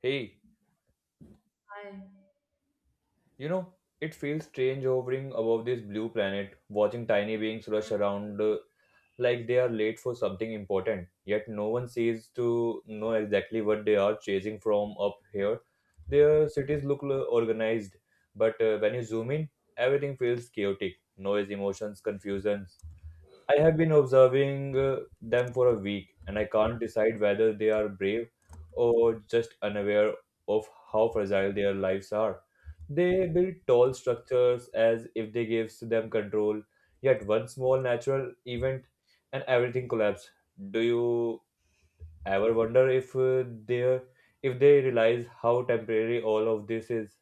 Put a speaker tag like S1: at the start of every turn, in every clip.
S1: Hey,
S2: I,
S1: you know, it feels strange hovering above this blue planet, watching tiny beings rush around, like they are late for something important. Yet no one seems to know exactly what they are chasing from up here. Their cities look organized, but when you zoom in, everything feels chaotic. Noise, emotions, confusion. I have been observing them for a week, and I can't decide whether they are brave or just unaware of how fragile their lives are. They build tall structures as if they gives them control, yet one small natural event and everything collapses. Do you ever wonder if they realize how temporary all of this is?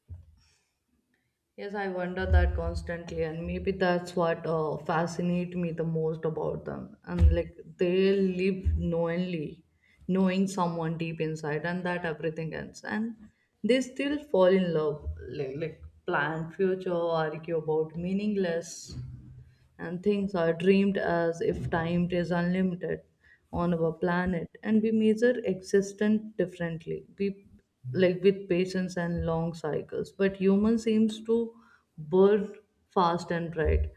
S2: yes, I wonder that constantly, and maybe that's what fascinates me the most about them. And like they live knowingly, knowing someone deep inside, and that everything ends, and they still fall in love, like plan future, argue about meaningless and things are dreamed as if time is unlimited on our planet, and we measure existence differently. We like with patience and long cycles, but human seems to burn fast and bright,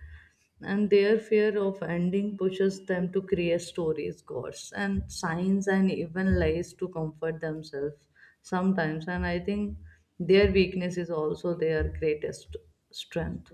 S2: and their fear of ending pushes them to create stories, gods, and signs, and even lies to comfort themselves sometimes. And I think their weakness is also their greatest strength.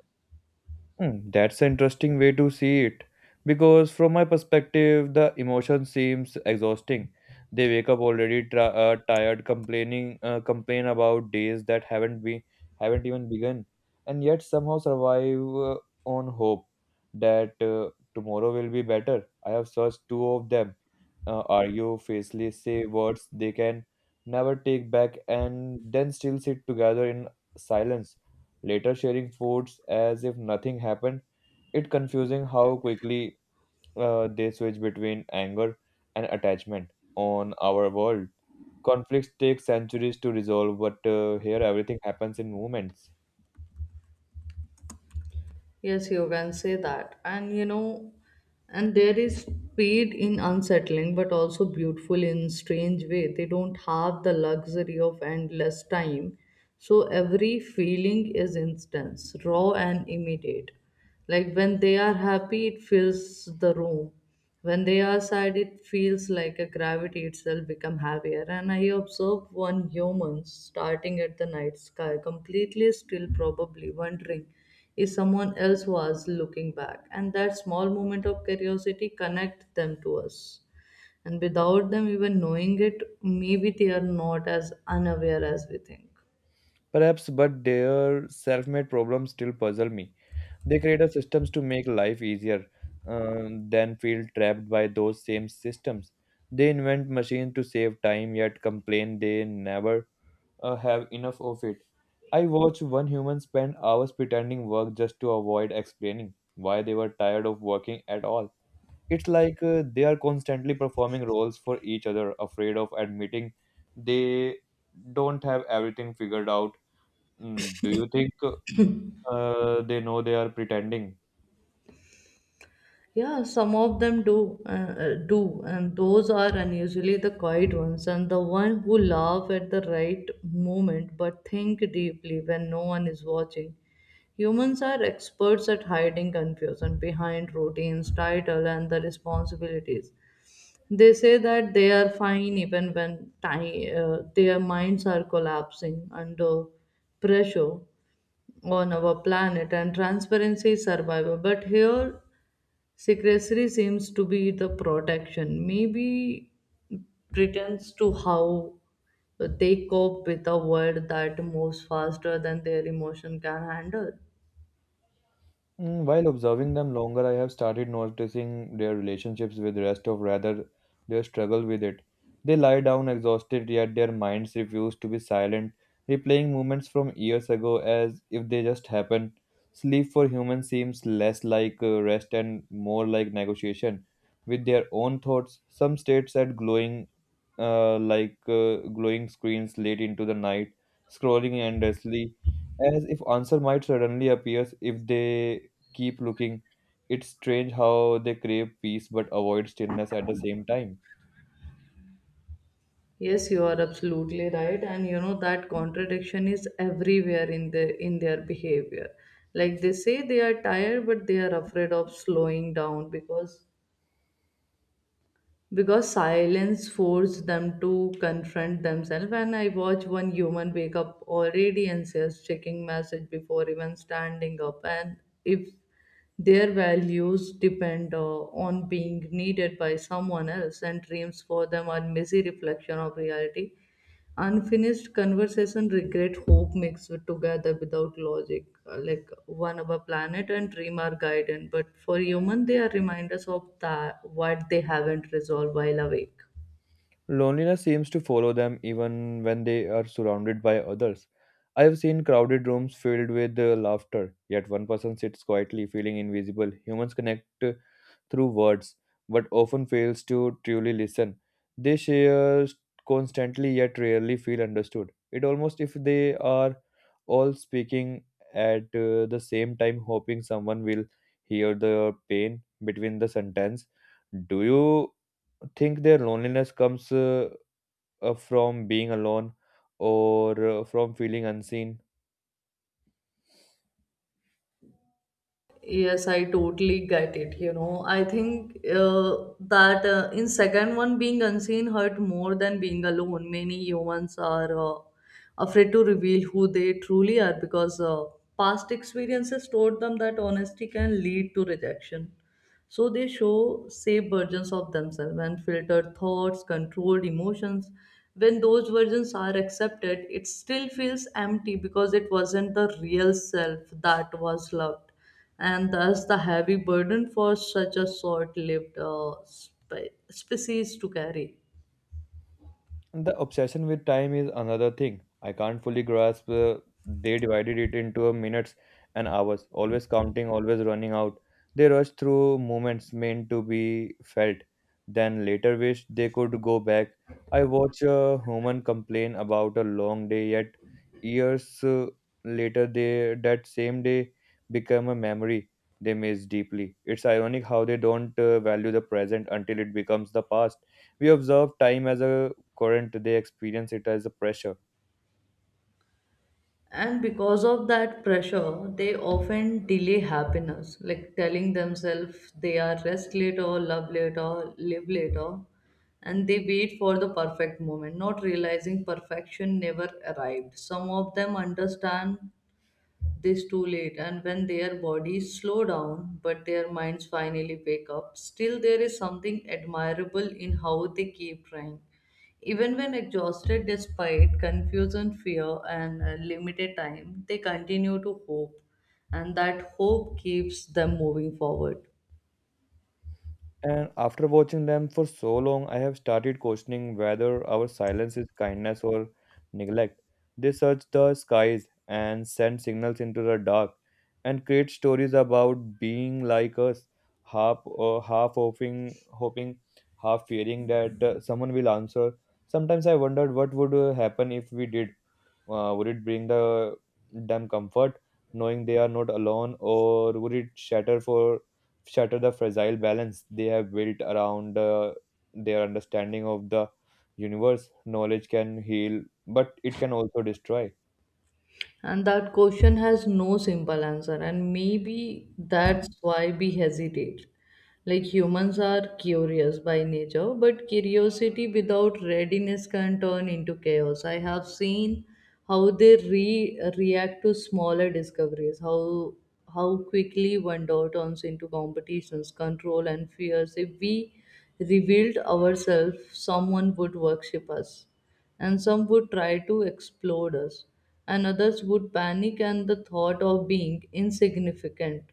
S1: Hmm, that's an interesting way to see it because, from my perspective, the emotion seems exhausting. They wake up already tired, complain about days that haven't even begun, and yet somehow survive on hope that tomorrow will be better. I have searched two of them, argue, faceless, say words they can never take back, and then still sit together in silence later sharing foods as if nothing happened. It's confusing how quickly they switch between anger and attachment on our world. Conflicts take centuries to resolve, but here everything happens in moments.
S2: Yes, you can say that. And you know, and there is speed in unsettling, but also beautiful in strange way. They don't have the luxury of endless time. So every feeling is instance, raw and immediate. Like when they are happy, it fills the room. When they are sad, it feels like a gravity itself become heavier. And I observed one human starting at the night sky, completely still, probably wondering if someone else was looking back. And that small moment of curiosity connect them to us. And without them even knowing it, maybe they are not as unaware as we think.
S1: Perhaps, but their self-made problems still puzzle me. They create systems to make life easier, then feel trapped by those same systems. They invent machines to save time, yet complain they never have enough of it. I watched one human spend hours pretending work just to avoid explaining why they were tired of working at all. It's like they are constantly performing roles for each other, afraid of admitting they don't have everything figured out. Mm, do you think they know they are pretending?
S2: Yeah, some of them do, do, and those are unusually the quiet ones, and the one who laugh at the right moment but think deeply when no one is watching. Humans are experts at hiding confusion behind routines, title, and the responsibilities. They say that they are fine even when time, their minds are collapsing under pressure on our planet, and transparency is survival. But here secrecy seems to be the protection maybe pretends to how they cope with a world that moves faster than their emotion can handle.
S1: Mm, while observing them longer, I have started noticing their relationships with rest of rather their struggle with it. They lie down exhausted, yet their minds refuse to be silent, replaying moments from years ago as if they just happened. Sleep for humans seems less like rest and more like negotiation with their own thoughts. Some states at glowing, glowing screens late into the night, scrolling endlessly as if answer might suddenly appears if they keep looking. It's strange how they crave peace but avoid stillness at the same time.
S2: Yes, you are absolutely right, and you know that contradiction is everywhere in their behavior. Like they say they are tired, but they are afraid of slowing down because silence forced them to confront themselves. And I watch one human wake up already anxious, checking message before even standing up. And if their values depend on being needed by someone else, and dreams for them are messy reflection of reality, unfinished conversation, regret, hope mixed with together without logic. Like one of a planet, and dream are guidance, but for human they are reminders of that what they haven't resolved while awake.
S1: Loneliness seems to follow them even when they are surrounded by others. I have seen crowded rooms filled with laughter, yet one person sits quietly, feeling invisible. Humans connect through words, but often fails to truly listen. They share constantly yet rarely feel understood. It almost if they are all speaking at the same time, hoping someone will hear the pain between the sentence. Do you think their loneliness comes from being alone or from feeling unseen?
S2: Yes, I totally get it. You know, I think that in second one being unseen hurt more than being alone. Many humans are afraid to reveal who they truly are because past experiences taught them that honesty can lead to rejection. So they show safe versions of themselves and filtered thoughts, controlled emotions. When those versions are accepted, it still feels empty because it wasn't the real self that was loved, and thus the heavy burden for such a short lived species to carry.
S1: And the obsession with time is another thing. I can't fully grasp. They divided it into a minutes and hours, always counting, always running out. They rushed through moments meant to be felt, then later wished they could go back. I watch a human complain about a long day, yet years later, they that same day become a memory they miss deeply. It's ironic how they don't value the present until it becomes the past. We observe time as a current they experience it as a pressure.
S2: And because of that pressure, they often delay happiness, like telling themselves they are rest later, love later, live later, and they wait for the perfect moment, not realizing perfection never arrived. Some of them understand this too late, and when their bodies slow down but their minds finally wake up, still there is something admirable in how they keep trying even when exhausted. Despite confusion, fear, and limited time, they continue to hope, and that hope keeps them moving forward.
S1: And after watching them for so long, I have started questioning whether our silence is kindness or neglect. They search the skies and send signals into the dark and create stories about being like us, half hoping, half fearing that someone will answer. Sometimes I wondered what would happen if we did, would it bring them comfort knowing they are not alone, or would it shatter the fragile balance they have built around their understanding of the universe? Knowledge can heal, but it can also destroy.
S2: And that question has no simple answer, and maybe that's why we hesitate. Like humans are curious by nature, but curiosity without readiness can turn into chaos. I have seen how they react to smaller discoveries, how quickly wonder turns into competitions, control, and fears. If we revealed ourselves, someone would worship us, and some would try to explode us, and others would panic and the thought of being insignificant.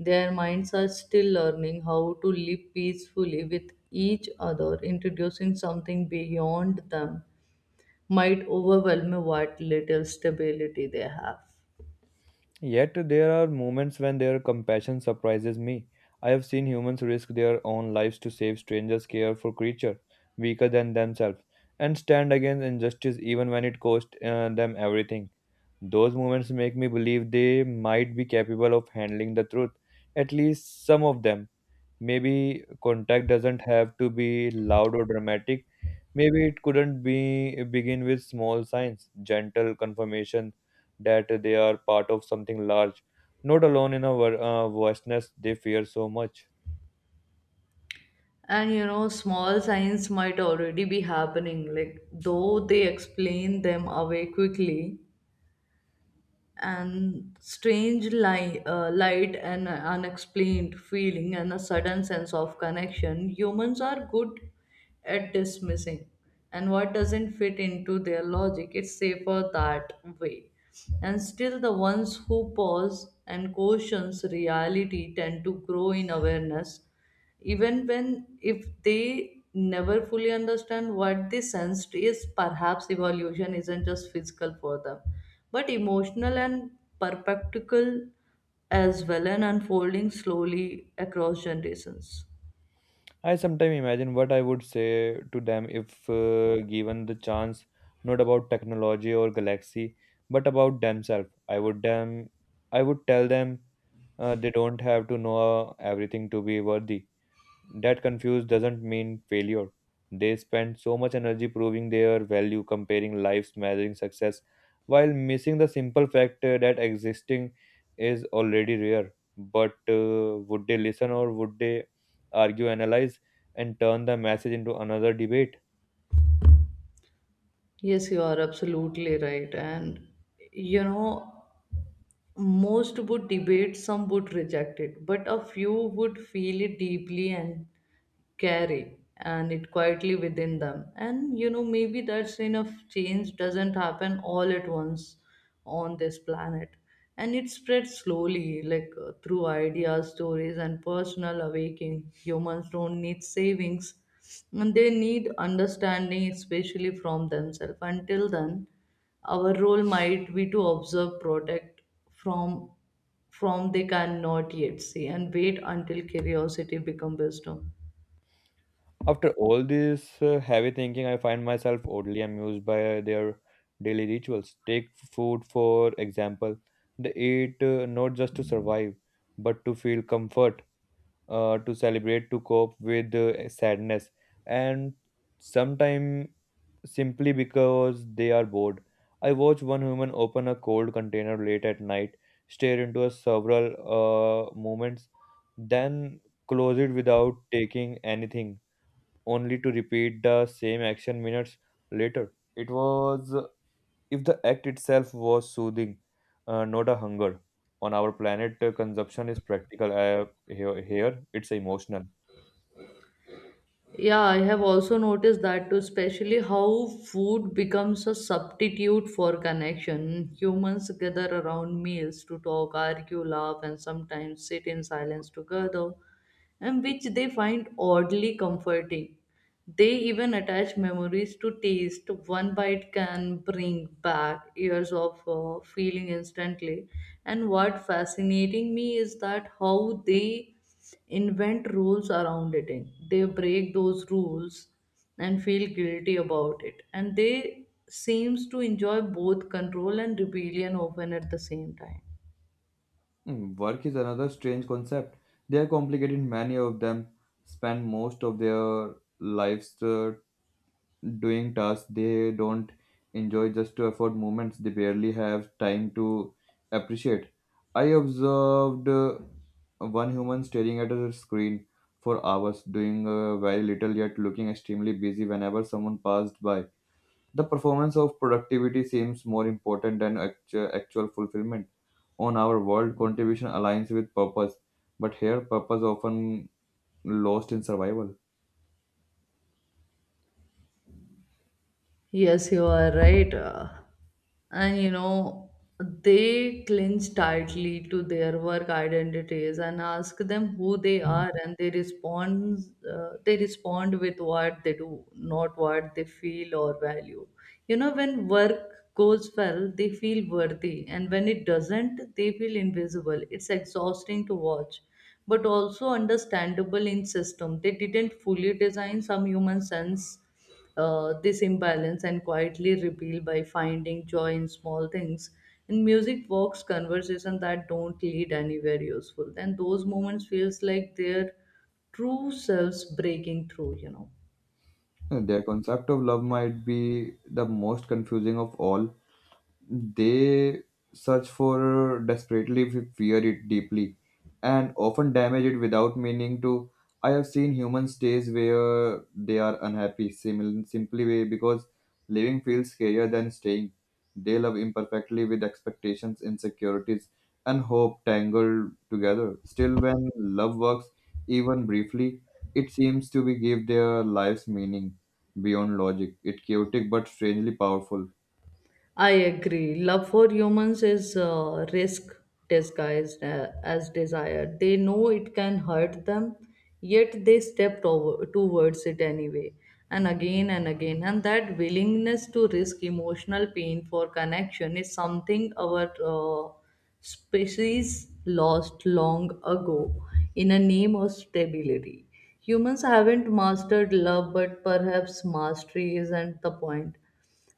S2: Their minds are still learning how to live peacefully with each other. Introducing something beyond them might overwhelm what little stability they have.
S1: Yet there are moments when their compassion surprises me. I have seen humans risk their own lives to save strangers, care for creatures weaker than themselves, and stand against injustice even when it cost them everything. Those moments make me believe they might be capable of handling the truth, at least some of them. Maybe contact doesn't have to be loud or dramatic. Maybe it couldn't be begin with small signs, gentle confirmation that they are part of something large, not alone in a vastness they fear so much.
S2: And you know, small signs might already be happening, like though they explain them away quickly, and strange light and unexplained feeling and a sudden sense of connection. Humans are good at dismissing and what doesn't fit into their logic. It's safer that way. And still the ones who pause and questions reality tend to grow in awareness, even when if they never fully understand what they sensed. Is perhaps evolution isn't just physical for them, but emotional and perpetual as well, and unfolding slowly across generations.
S1: I sometimes imagine what I would say to them if given the chance, not about technology or galaxy, but about themselves. I would tell them they don't have to know everything to be worthy. That confuse doesn't mean failure. They spend so much energy proving their value, comparing lives, measuring success, while missing the simple fact that existing is already rare. But would they listen, or would they argue, analyze, and turn the message into another debate?
S2: Yes, you are absolutely right, and you know most would debate, some would reject it, but a few would feel it deeply and carry and it quietly within them. And you know, maybe that scene of change doesn't happen all at once on this planet, and it spreads slowly, like through ideas, stories, and personal awakening. Humans don't need savings, and they need understanding, especially from themselves. Until then, our role might be to observe, protect, from from they cannot yet see and wait until curiosity become wisdom.
S1: After all this heavy thinking, I find myself oddly amused by their daily rituals. Take food, for example. They eat not just to survive, but to feel comfort, to celebrate, to cope with sadness, and sometimes simply because they are bored. I watched one woman open a cold container late at night, stare into a several moments, then close it without taking anything, only to repeat the same action minutes later. It was if the act itself was soothing, not a hunger. On our planet, consumption is practical. Here it's emotional.
S2: Yeah, I have also noticed that too, especially how food becomes a substitute for connection. Humans gather around meals to talk, argue, laugh, and sometimes sit in silence together, and which they find oddly comforting. They even attach memories to taste. One bite can bring back years of feeling instantly. And what fascinating me is that how they invent rules around eating. They break those rules and feel guilty about it. And they seems to enjoy both control and rebellion often at the same time.
S1: Mm, work is another strange concept. They are complicated. Many of them spend most of their lives doing tasks they don't enjoy just to afford moments they barely have time to appreciate. I observed one human staring at a screen for hours, doing very little yet looking extremely busy whenever someone passed by. The performance of productivity seems more important than actual fulfillment. On our world, contribution aligns with purpose, but here purpose often lost in survival.
S2: Yes, you are right. And you know, they cling tightly to their work identities and ask them who they are, and they respond. They respond with what they do, not what they feel or value. You know, when work goes well, they feel worthy, and when it doesn't, they feel invisible. It's exhausting to watch, but also understandable in system. They didn't fully design some human sense this imbalance and quietly reveal by finding joy in small things. And music walks conversation that don't lead anywhere useful. Then those moments feels like their true selves breaking through, you know.
S1: Their concept of love might be the most confusing of all. They search for desperately if we fear it deeply, and often damage it without meaning to. I have seen human stays where they are unhappy simply way because living feels scarier than staying. They love imperfectly with expectations, insecurities, and hope tangled together. Still, when love works, even briefly, it seems to be give their lives meaning beyond logic. It's chaotic but strangely powerful.
S2: I agree. Love for humans is risk disguised as desire. They know it can hurt them, yet they step towards it anyway, and again and again. And that willingness to risk emotional pain for connection is something our species lost long ago in a name of stability. Humans haven't mastered love, but perhaps mastery isn't the point.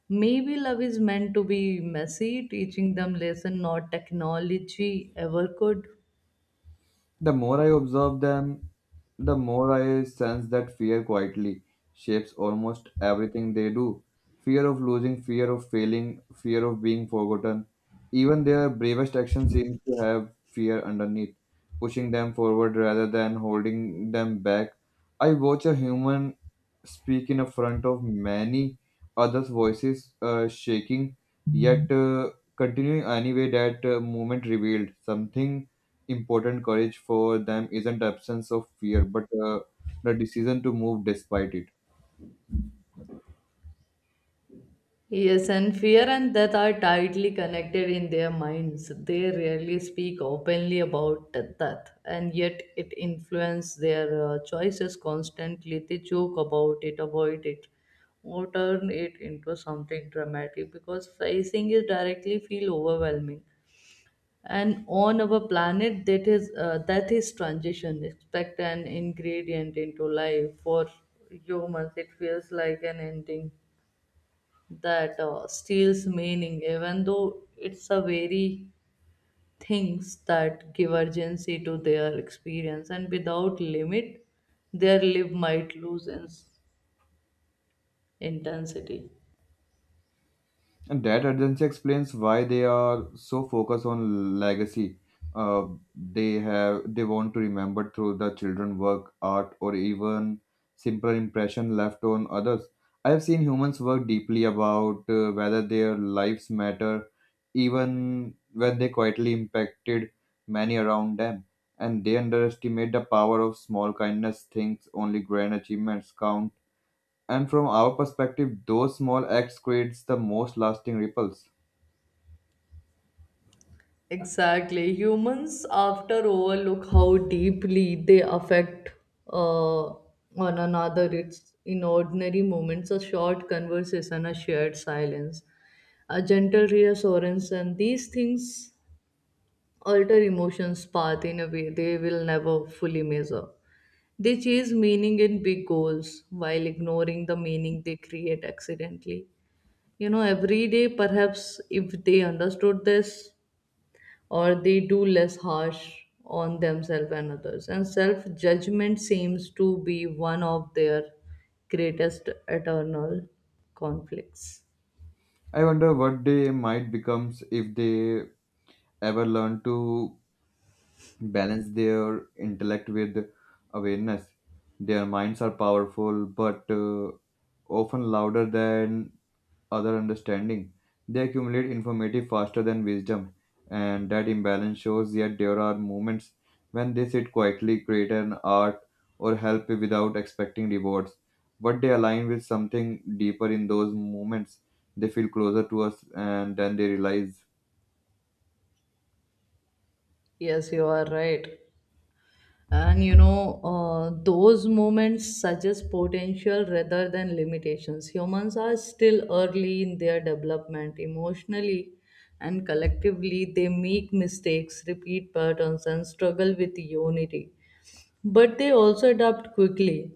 S2: Maybe love is meant to be messy, teaching them lesson not technology ever could.
S1: The more I observe them, the more I sense that fear quietly shapes almost everything they do. Fear of losing, fear of failing, fear of being forgotten. Even their bravest action seems to have fear underneath, pushing them forward rather than holding them back. I watch a human speak in front of many others voices shaking, yet continuing anyway. That movement revealed something important: courage for them isn't absence of fear, but the decision to move despite it.
S2: Yes, and fear and death are tightly connected in their minds. They rarely speak openly about death, and yet it influences their choices constantly. They joke about it, avoid it, or turn it into something dramatic because facing it directly feel overwhelming. And on our planet that is that is transition expect an ingredient into life. For humans it feels like an ending that steals meaning, even though it's a very things that give urgency to their experience. And without limit, their life might lose its intensity.
S1: And that urgency explains why they are so focused on legacy. Uh, they want to remember through the children work, art, or even simple impression left on others. I have seen humans work deeply about whether their lives matter, even when they quietly impacted many around them. And they underestimate the power of small kindness. Things only grand achievements count, and from our perspective, those small acts creates the most lasting ripples.
S2: Exactly. Humans after overlook how deeply they affect uh, one another. It's in ordinary moments, a short conversation, a shared silence, a gentle reassurance, and these things alter emotions' path in a way they will never fully measure. They chase meaning in big goals while ignoring the meaning they create accidentally. You know, every day, perhaps if they understood this, or they do less harsh on themselves and others. And self judgment seems to be one of their greatest eternal conflicts.
S1: I wonder what they might become if they ever learn to balance their intellect with awareness. Their minds are powerful, but often louder than other understanding. They accumulate informative faster than wisdom, and that imbalance shows. Yet there are moments when they sit quietly, create an art, or help without expecting rewards. But they align with something deeper in those moments. They feel closer to us, and then they realize,
S2: Yes, you are right. And you know, those moments suggest potential rather than limitations. Humans are still early in their development emotionally and collectively. They make mistakes, repeat patterns, and struggle with unity. But they also adapt quickly,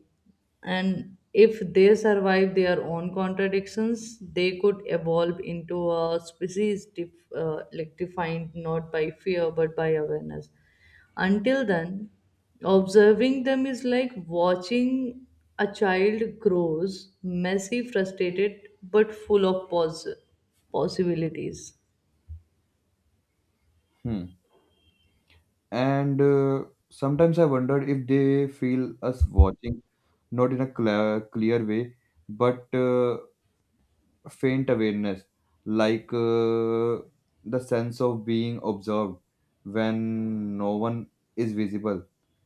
S2: and if they survive their own contradictions, they could evolve into a species defined not by fear but by awareness. Until then, observing them is like watching a child grows messy, frustrated but full of possibilities.
S1: hmm. And sometimes I wondered if they feel us watching, not in a clear way, but faint awareness, like the sense of being observed when no one is visible.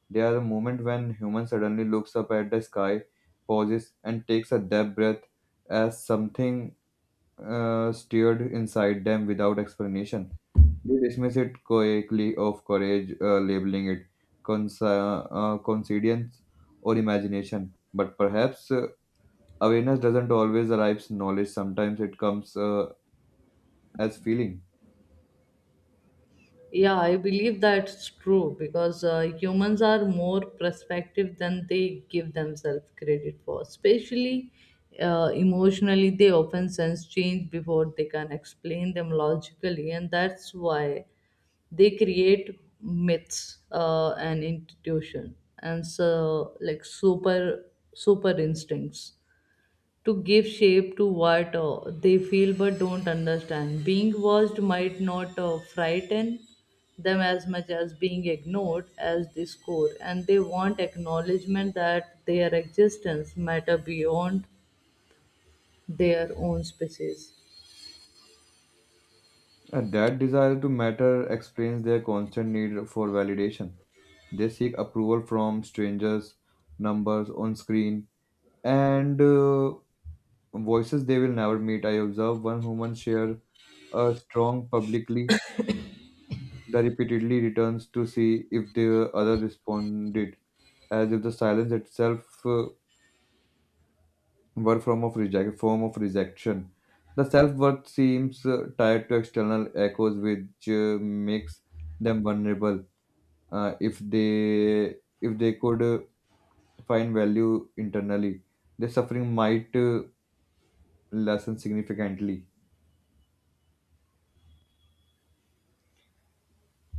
S1: There are moments when human suddenly looks up at the sky, pauses, and takes a deep breath as something stirred inside them without explanation. They dismiss it quickly of courage, labeling it coincidence or imagination. But perhaps awareness doesn't always arrive knowledge. Sometimes it comes as feeling.
S2: Yeah, I believe that's true because humans are more perspective than they give themselves credit for. Especially emotionally, they often sense change before they can explain them logically, and that's why they create myths and institution, and so like super instincts to give shape to what they feel but don't understand. Being watched might not frighten them as much as being ignored as the score, and they want acknowledgement that their existence matter beyond their own species.
S1: And that desire to matter explains their constant need for validation. They seek approval from strangers, numbers on screen, and voices they will never meet. I observe one woman share a strong publicly that repeatedly returns to see if the other responded, as if the silence itself were form of rejection. The self-worth seems tied to external echoes, which makes them vulnerable. If they if they could find value internally, their suffering might lessen significantly.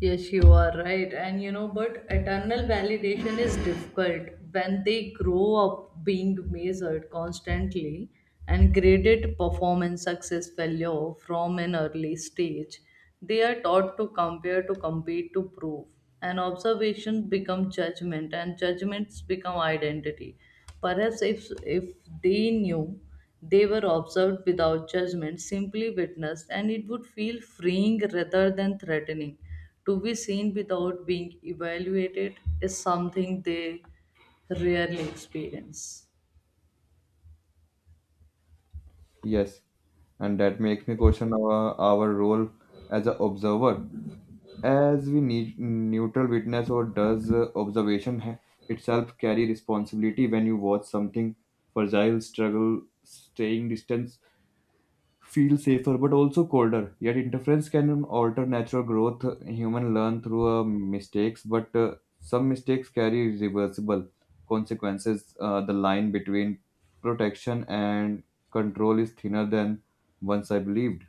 S2: Yes, you are right. And you know, but eternal validation is difficult when they grow up being measured constantly and graded performance, success, failure from an early stage. They are taught to compare, to compete, to prove. And observation become judgment, and judgments become identity. Perhaps if they knew they were observed without judgment, simply witnessed, and it would feel freeing rather than threatening. To be seen without being evaluated is something they rarely experience.
S1: Yes, and that makes me question our role as an observer. As we need neutral witness, or does itself carry responsibility? When you watch something fragile struggle, staying distant feel safer but also colder. Yet interference can alter natural growth. Human learn through mistakes, but some mistakes carry irreversible consequences. The line between protection and control is thinner than once I believed.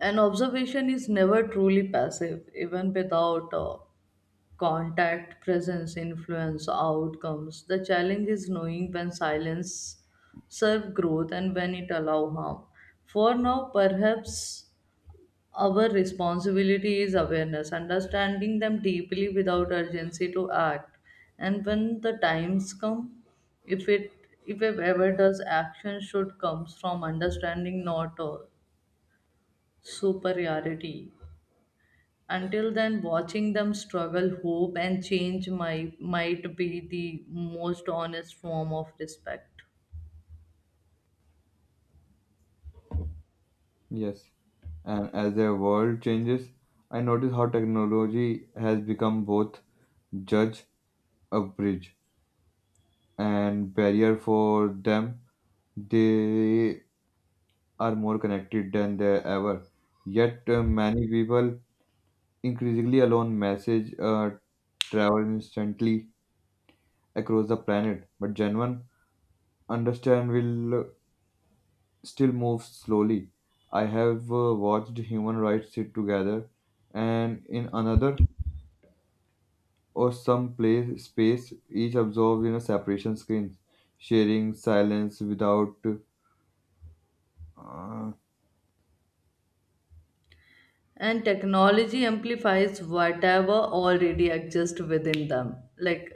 S2: An observation is never truly passive, even without contact, presence, influence, outcomes. The challenge is knowing when silence serves growth and when it allows harm. For now, perhaps our responsibility is awareness, understanding them deeply without urgency to act. And when the times come, if it if it ever does, action should come from understanding, not superiority. Until then, watching them struggle, hope, and change might be the most honest form of respect.
S1: Yes, and as the world changes, I notice how technology has become both judge, a bridge, and barrier for them. They are more connected than they ever. Yet many people, increasingly alone, message travel instantly across the planet. But genuine understand will still move slowly. I have watched human rights sit together, and in another or some place space, each absorbed in a separation screen, sharing silence without. uh,
S2: And technology amplifies whatever already exists within them, like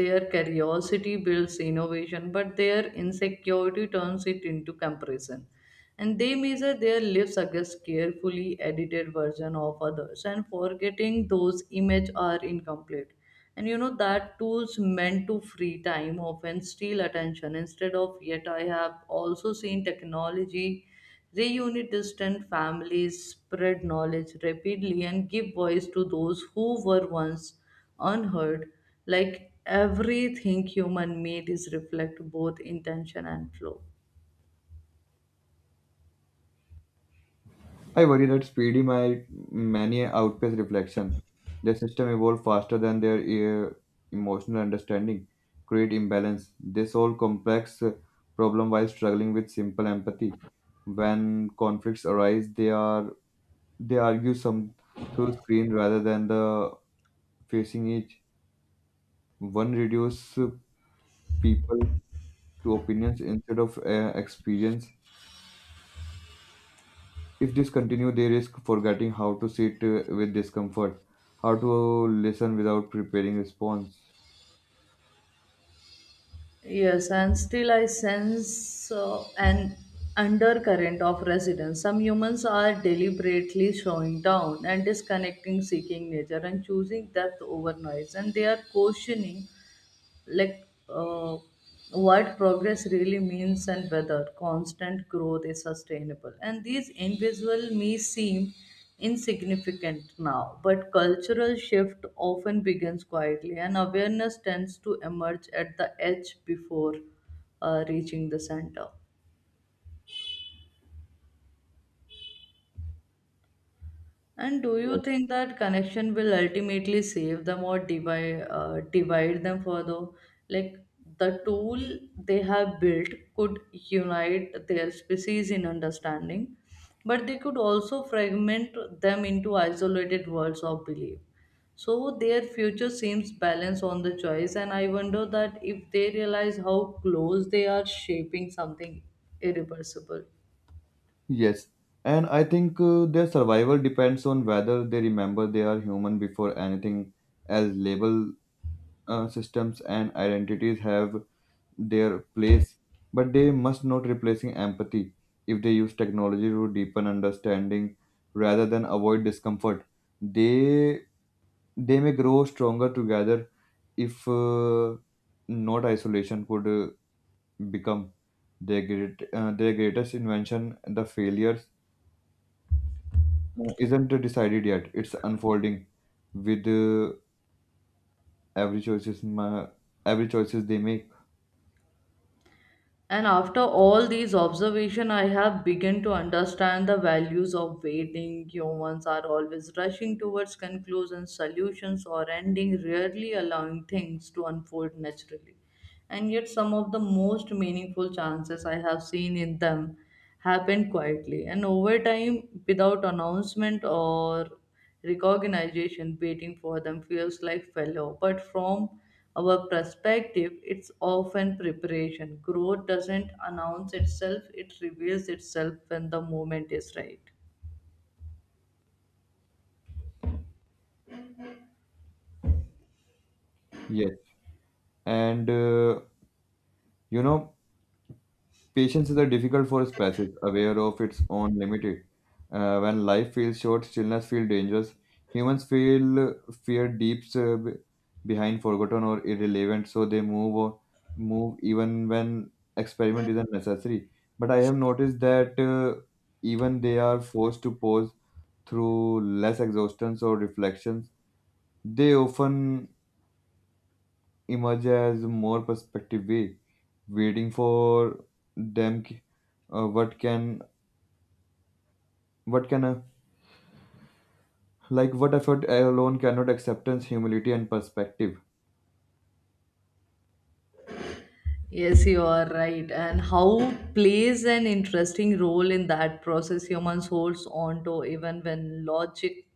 S2: their curiosity builds innovation but their insecurity turns it into comparison, and they measure their lives against carefully edited version of others and forgetting those images are incomplete. And that tools meant to free time often steal attention instead. Of yet I have also seen technology reunite distant families, spread knowledge rapidly, and give voice to those who were once unheard. Like everything human made is reflect both intention and flow.
S1: I worry that speedy might many outpace reflection. Their system evolve faster than their emotional understanding, create imbalance. They solve complex problem while struggling with simple empathy. When conflicts arise, they argue some through screen rather than the facing each. One reduce people to opinions instead of experience. If this continue, they risk forgetting how to sit with discomfort, how to listen without preparing response.
S2: Yes, and still I sense an undercurrent of resonance. Some humans are deliberately showing down and disconnecting, seeking nature, and choosing depth over noise, and they are cautioning like uh, what progress really means and whether constant growth is sustainable. And these invisible may seem insignificant now, but cultural shift often begins quietly, and awareness tends to emerge at the edge before reaching the center. And do you
S1: Yes.
S2: think that connection will ultimately save them or divide them further? Like the tool they have built could unite their species in understanding, but they could also fragment them into isolated worlds of belief. So their future seems balanced on the choice, and I wonder that if they realize how close they are shaping something irreversible.
S1: Yes. And I think their survival depends on whether they remember they are human before anything. As Label systems and identities have their place, but they must not replacing empathy. If they use technology to deepen understanding rather than avoid discomfort, they they may grow stronger together if not isolation could become their greatest invention the failures isn't decided yet. It's unfolding with every choices ma- every choices they make.
S2: And after all these observation, I have begun to understand the values of waiting. Humans are always rushing towards conclusions, solutions, or ending, rarely allowing things to unfold naturally, and yet some of the most meaningful chances I have seen in them happened quietly and over time without announcement or recognition. Waiting for them feels like fellow, but from our perspective it's often preparation. Growth doesn't announce itself, it reveals itself when the moment is right.
S1: Yes, and you know Patience is a difficult for species, aware of its own limited. When life feels short, stillness feels dangerous. Humans feel fear deeps uh, be- behind, forgotten or irrelevant, so they move even when experiment isn't necessary. But I have noticed that even they are forced to pause through less exhaustions or reflections. They often emerge as more perspective way, waiting for them. Uh, what can What can a, like what effort alone cannot acceptance, humility, and perspective.
S2: Yes, you are right. And how plays an interesting role in that process. Humans holds on to even when logic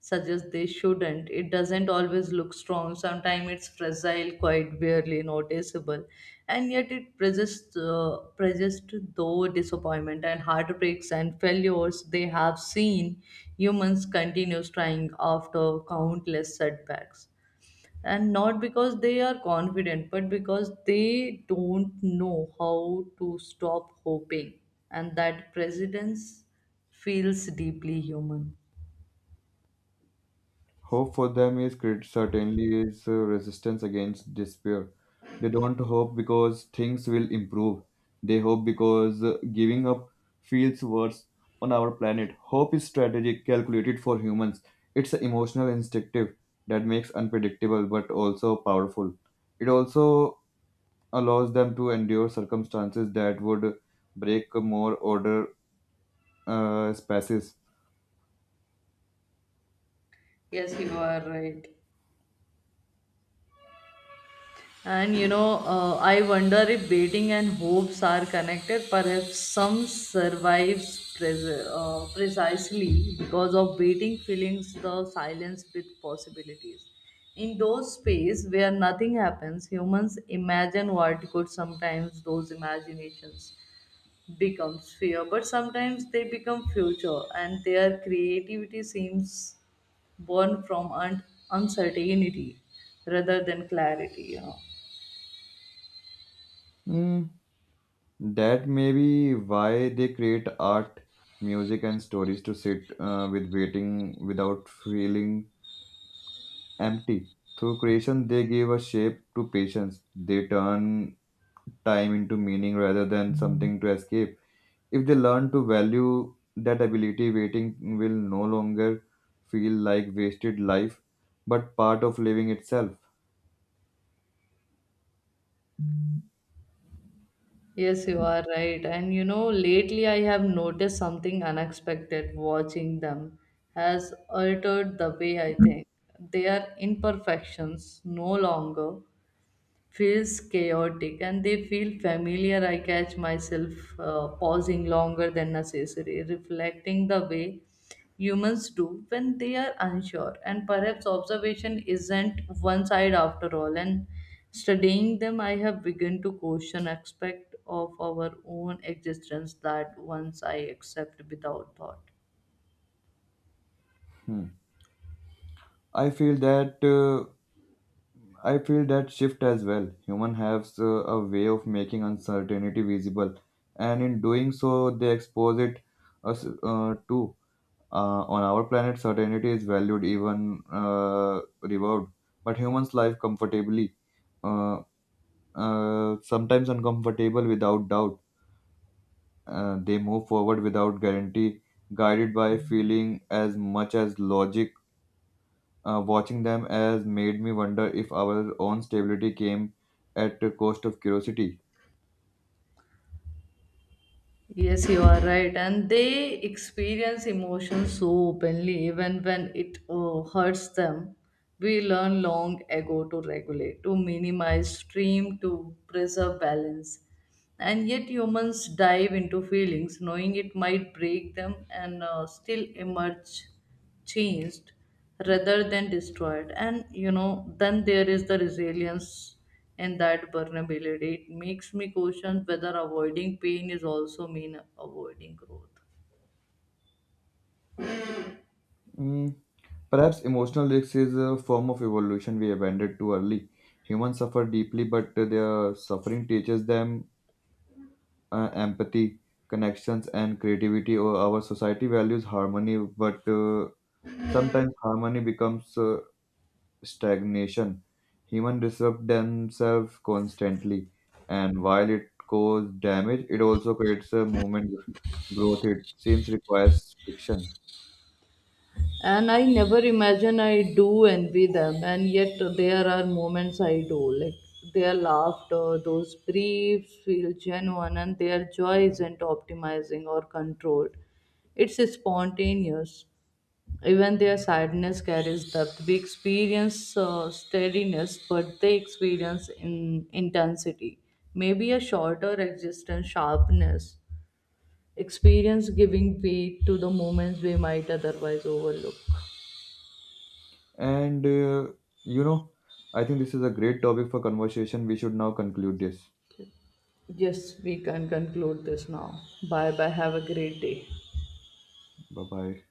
S2: suggests they shouldn't. It doesn't always look strong. Sometimes it's fragile, quite barely noticeable. And yet it persists though disappointment and heartbreaks and failures. They have seen humans continues trying after countless setbacks, and not because they are confident but because they don't know how to stop hoping. And that presidents feels deeply human.
S1: Hope for them is certainly is resistance against despair. They don't hope because things will improve. They hope because giving up feels worse on our planet. Hope is strategic, calculated for humans. It's an emotional instinctive that makes unpredictable but also powerful. It also allows them to endure circumstances that would break more order spaces.
S2: Yes, you are right. And I wonder if waiting and hopes are connected. Perhaps some survives precisely because of waiting feelings the silence with possibilities. In those space where nothing happens, humans imagine what could. Sometimes those imaginations becomes fear, but sometimes they become future, and their creativity seems born from uncertainty rather than clarity.
S1: Mm, that may be why they create art, music, and stories to sit with waiting without feeling empty. Through creation, they give a shape to patience. They turn time into meaning rather than something to escape. If they learn to value that ability, waiting will no longer feel like wasted life, but part of living itself.
S2: Yes, you are right. And lately I have noticed something unexpected. Watching them has altered the way I think. Their imperfections no longer feels chaotic, and they feel familiar. I catch myself pausing longer than necessary, reflecting the way humans do when they are unsure. And perhaps observation isn't one side after all. And studying them, I have begun to question aspect of our own existence that once I accept without thought.
S1: Hmm. I feel that. I feel that shift as well. Human has a way of making uncertainty visible, and in doing so, they expose it us to. On our planet, certainty is valued, even revered, but humans live comfortably, uh, sometimes uncomfortable without doubt. They move forward without guarantee, guided by feeling as much as logic. Watching them has made me wonder if our own stability came at the cost of curiosity.
S2: Yes, you are right. And they experience emotions so openly, even when it hurts them. We learn long ago to regulate, to minimize stream, to preserve balance. And yet, humans dive into feelings, knowing it might break them, and still emerge changed rather than destroyed. And then there is the resilience in that vulnerability. It makes me question whether avoiding pain is also mean avoiding growth.
S1: Mm, perhaps emotional risk is a form of evolution we abandoned too early. Humans suffer deeply, but their suffering teaches them empathy, connections, and creativity. Or our society values harmony, but sometimes harmony becomes stagnation. Humans disrupt themselves constantly, and while it causes damage, it also creates a movement growth. It seems requires friction.
S2: And I never imagine I do envy them, and yet there are moments I do. Like their laughter, those briefs feel genuine, and their joy isn't optimizing or controlled, it's spontaneous. Even their sadness carries depth. We experience steadiness, but they experience in intensity. Maybe a shorter existence sharpness. Experience giving weight to the moments we might otherwise overlook.
S1: And you know, I think this is a great topic for conversation. We should now conclude this.
S2: Yes, we can conclude this now. Bye bye. Have a great day.
S1: Bye bye.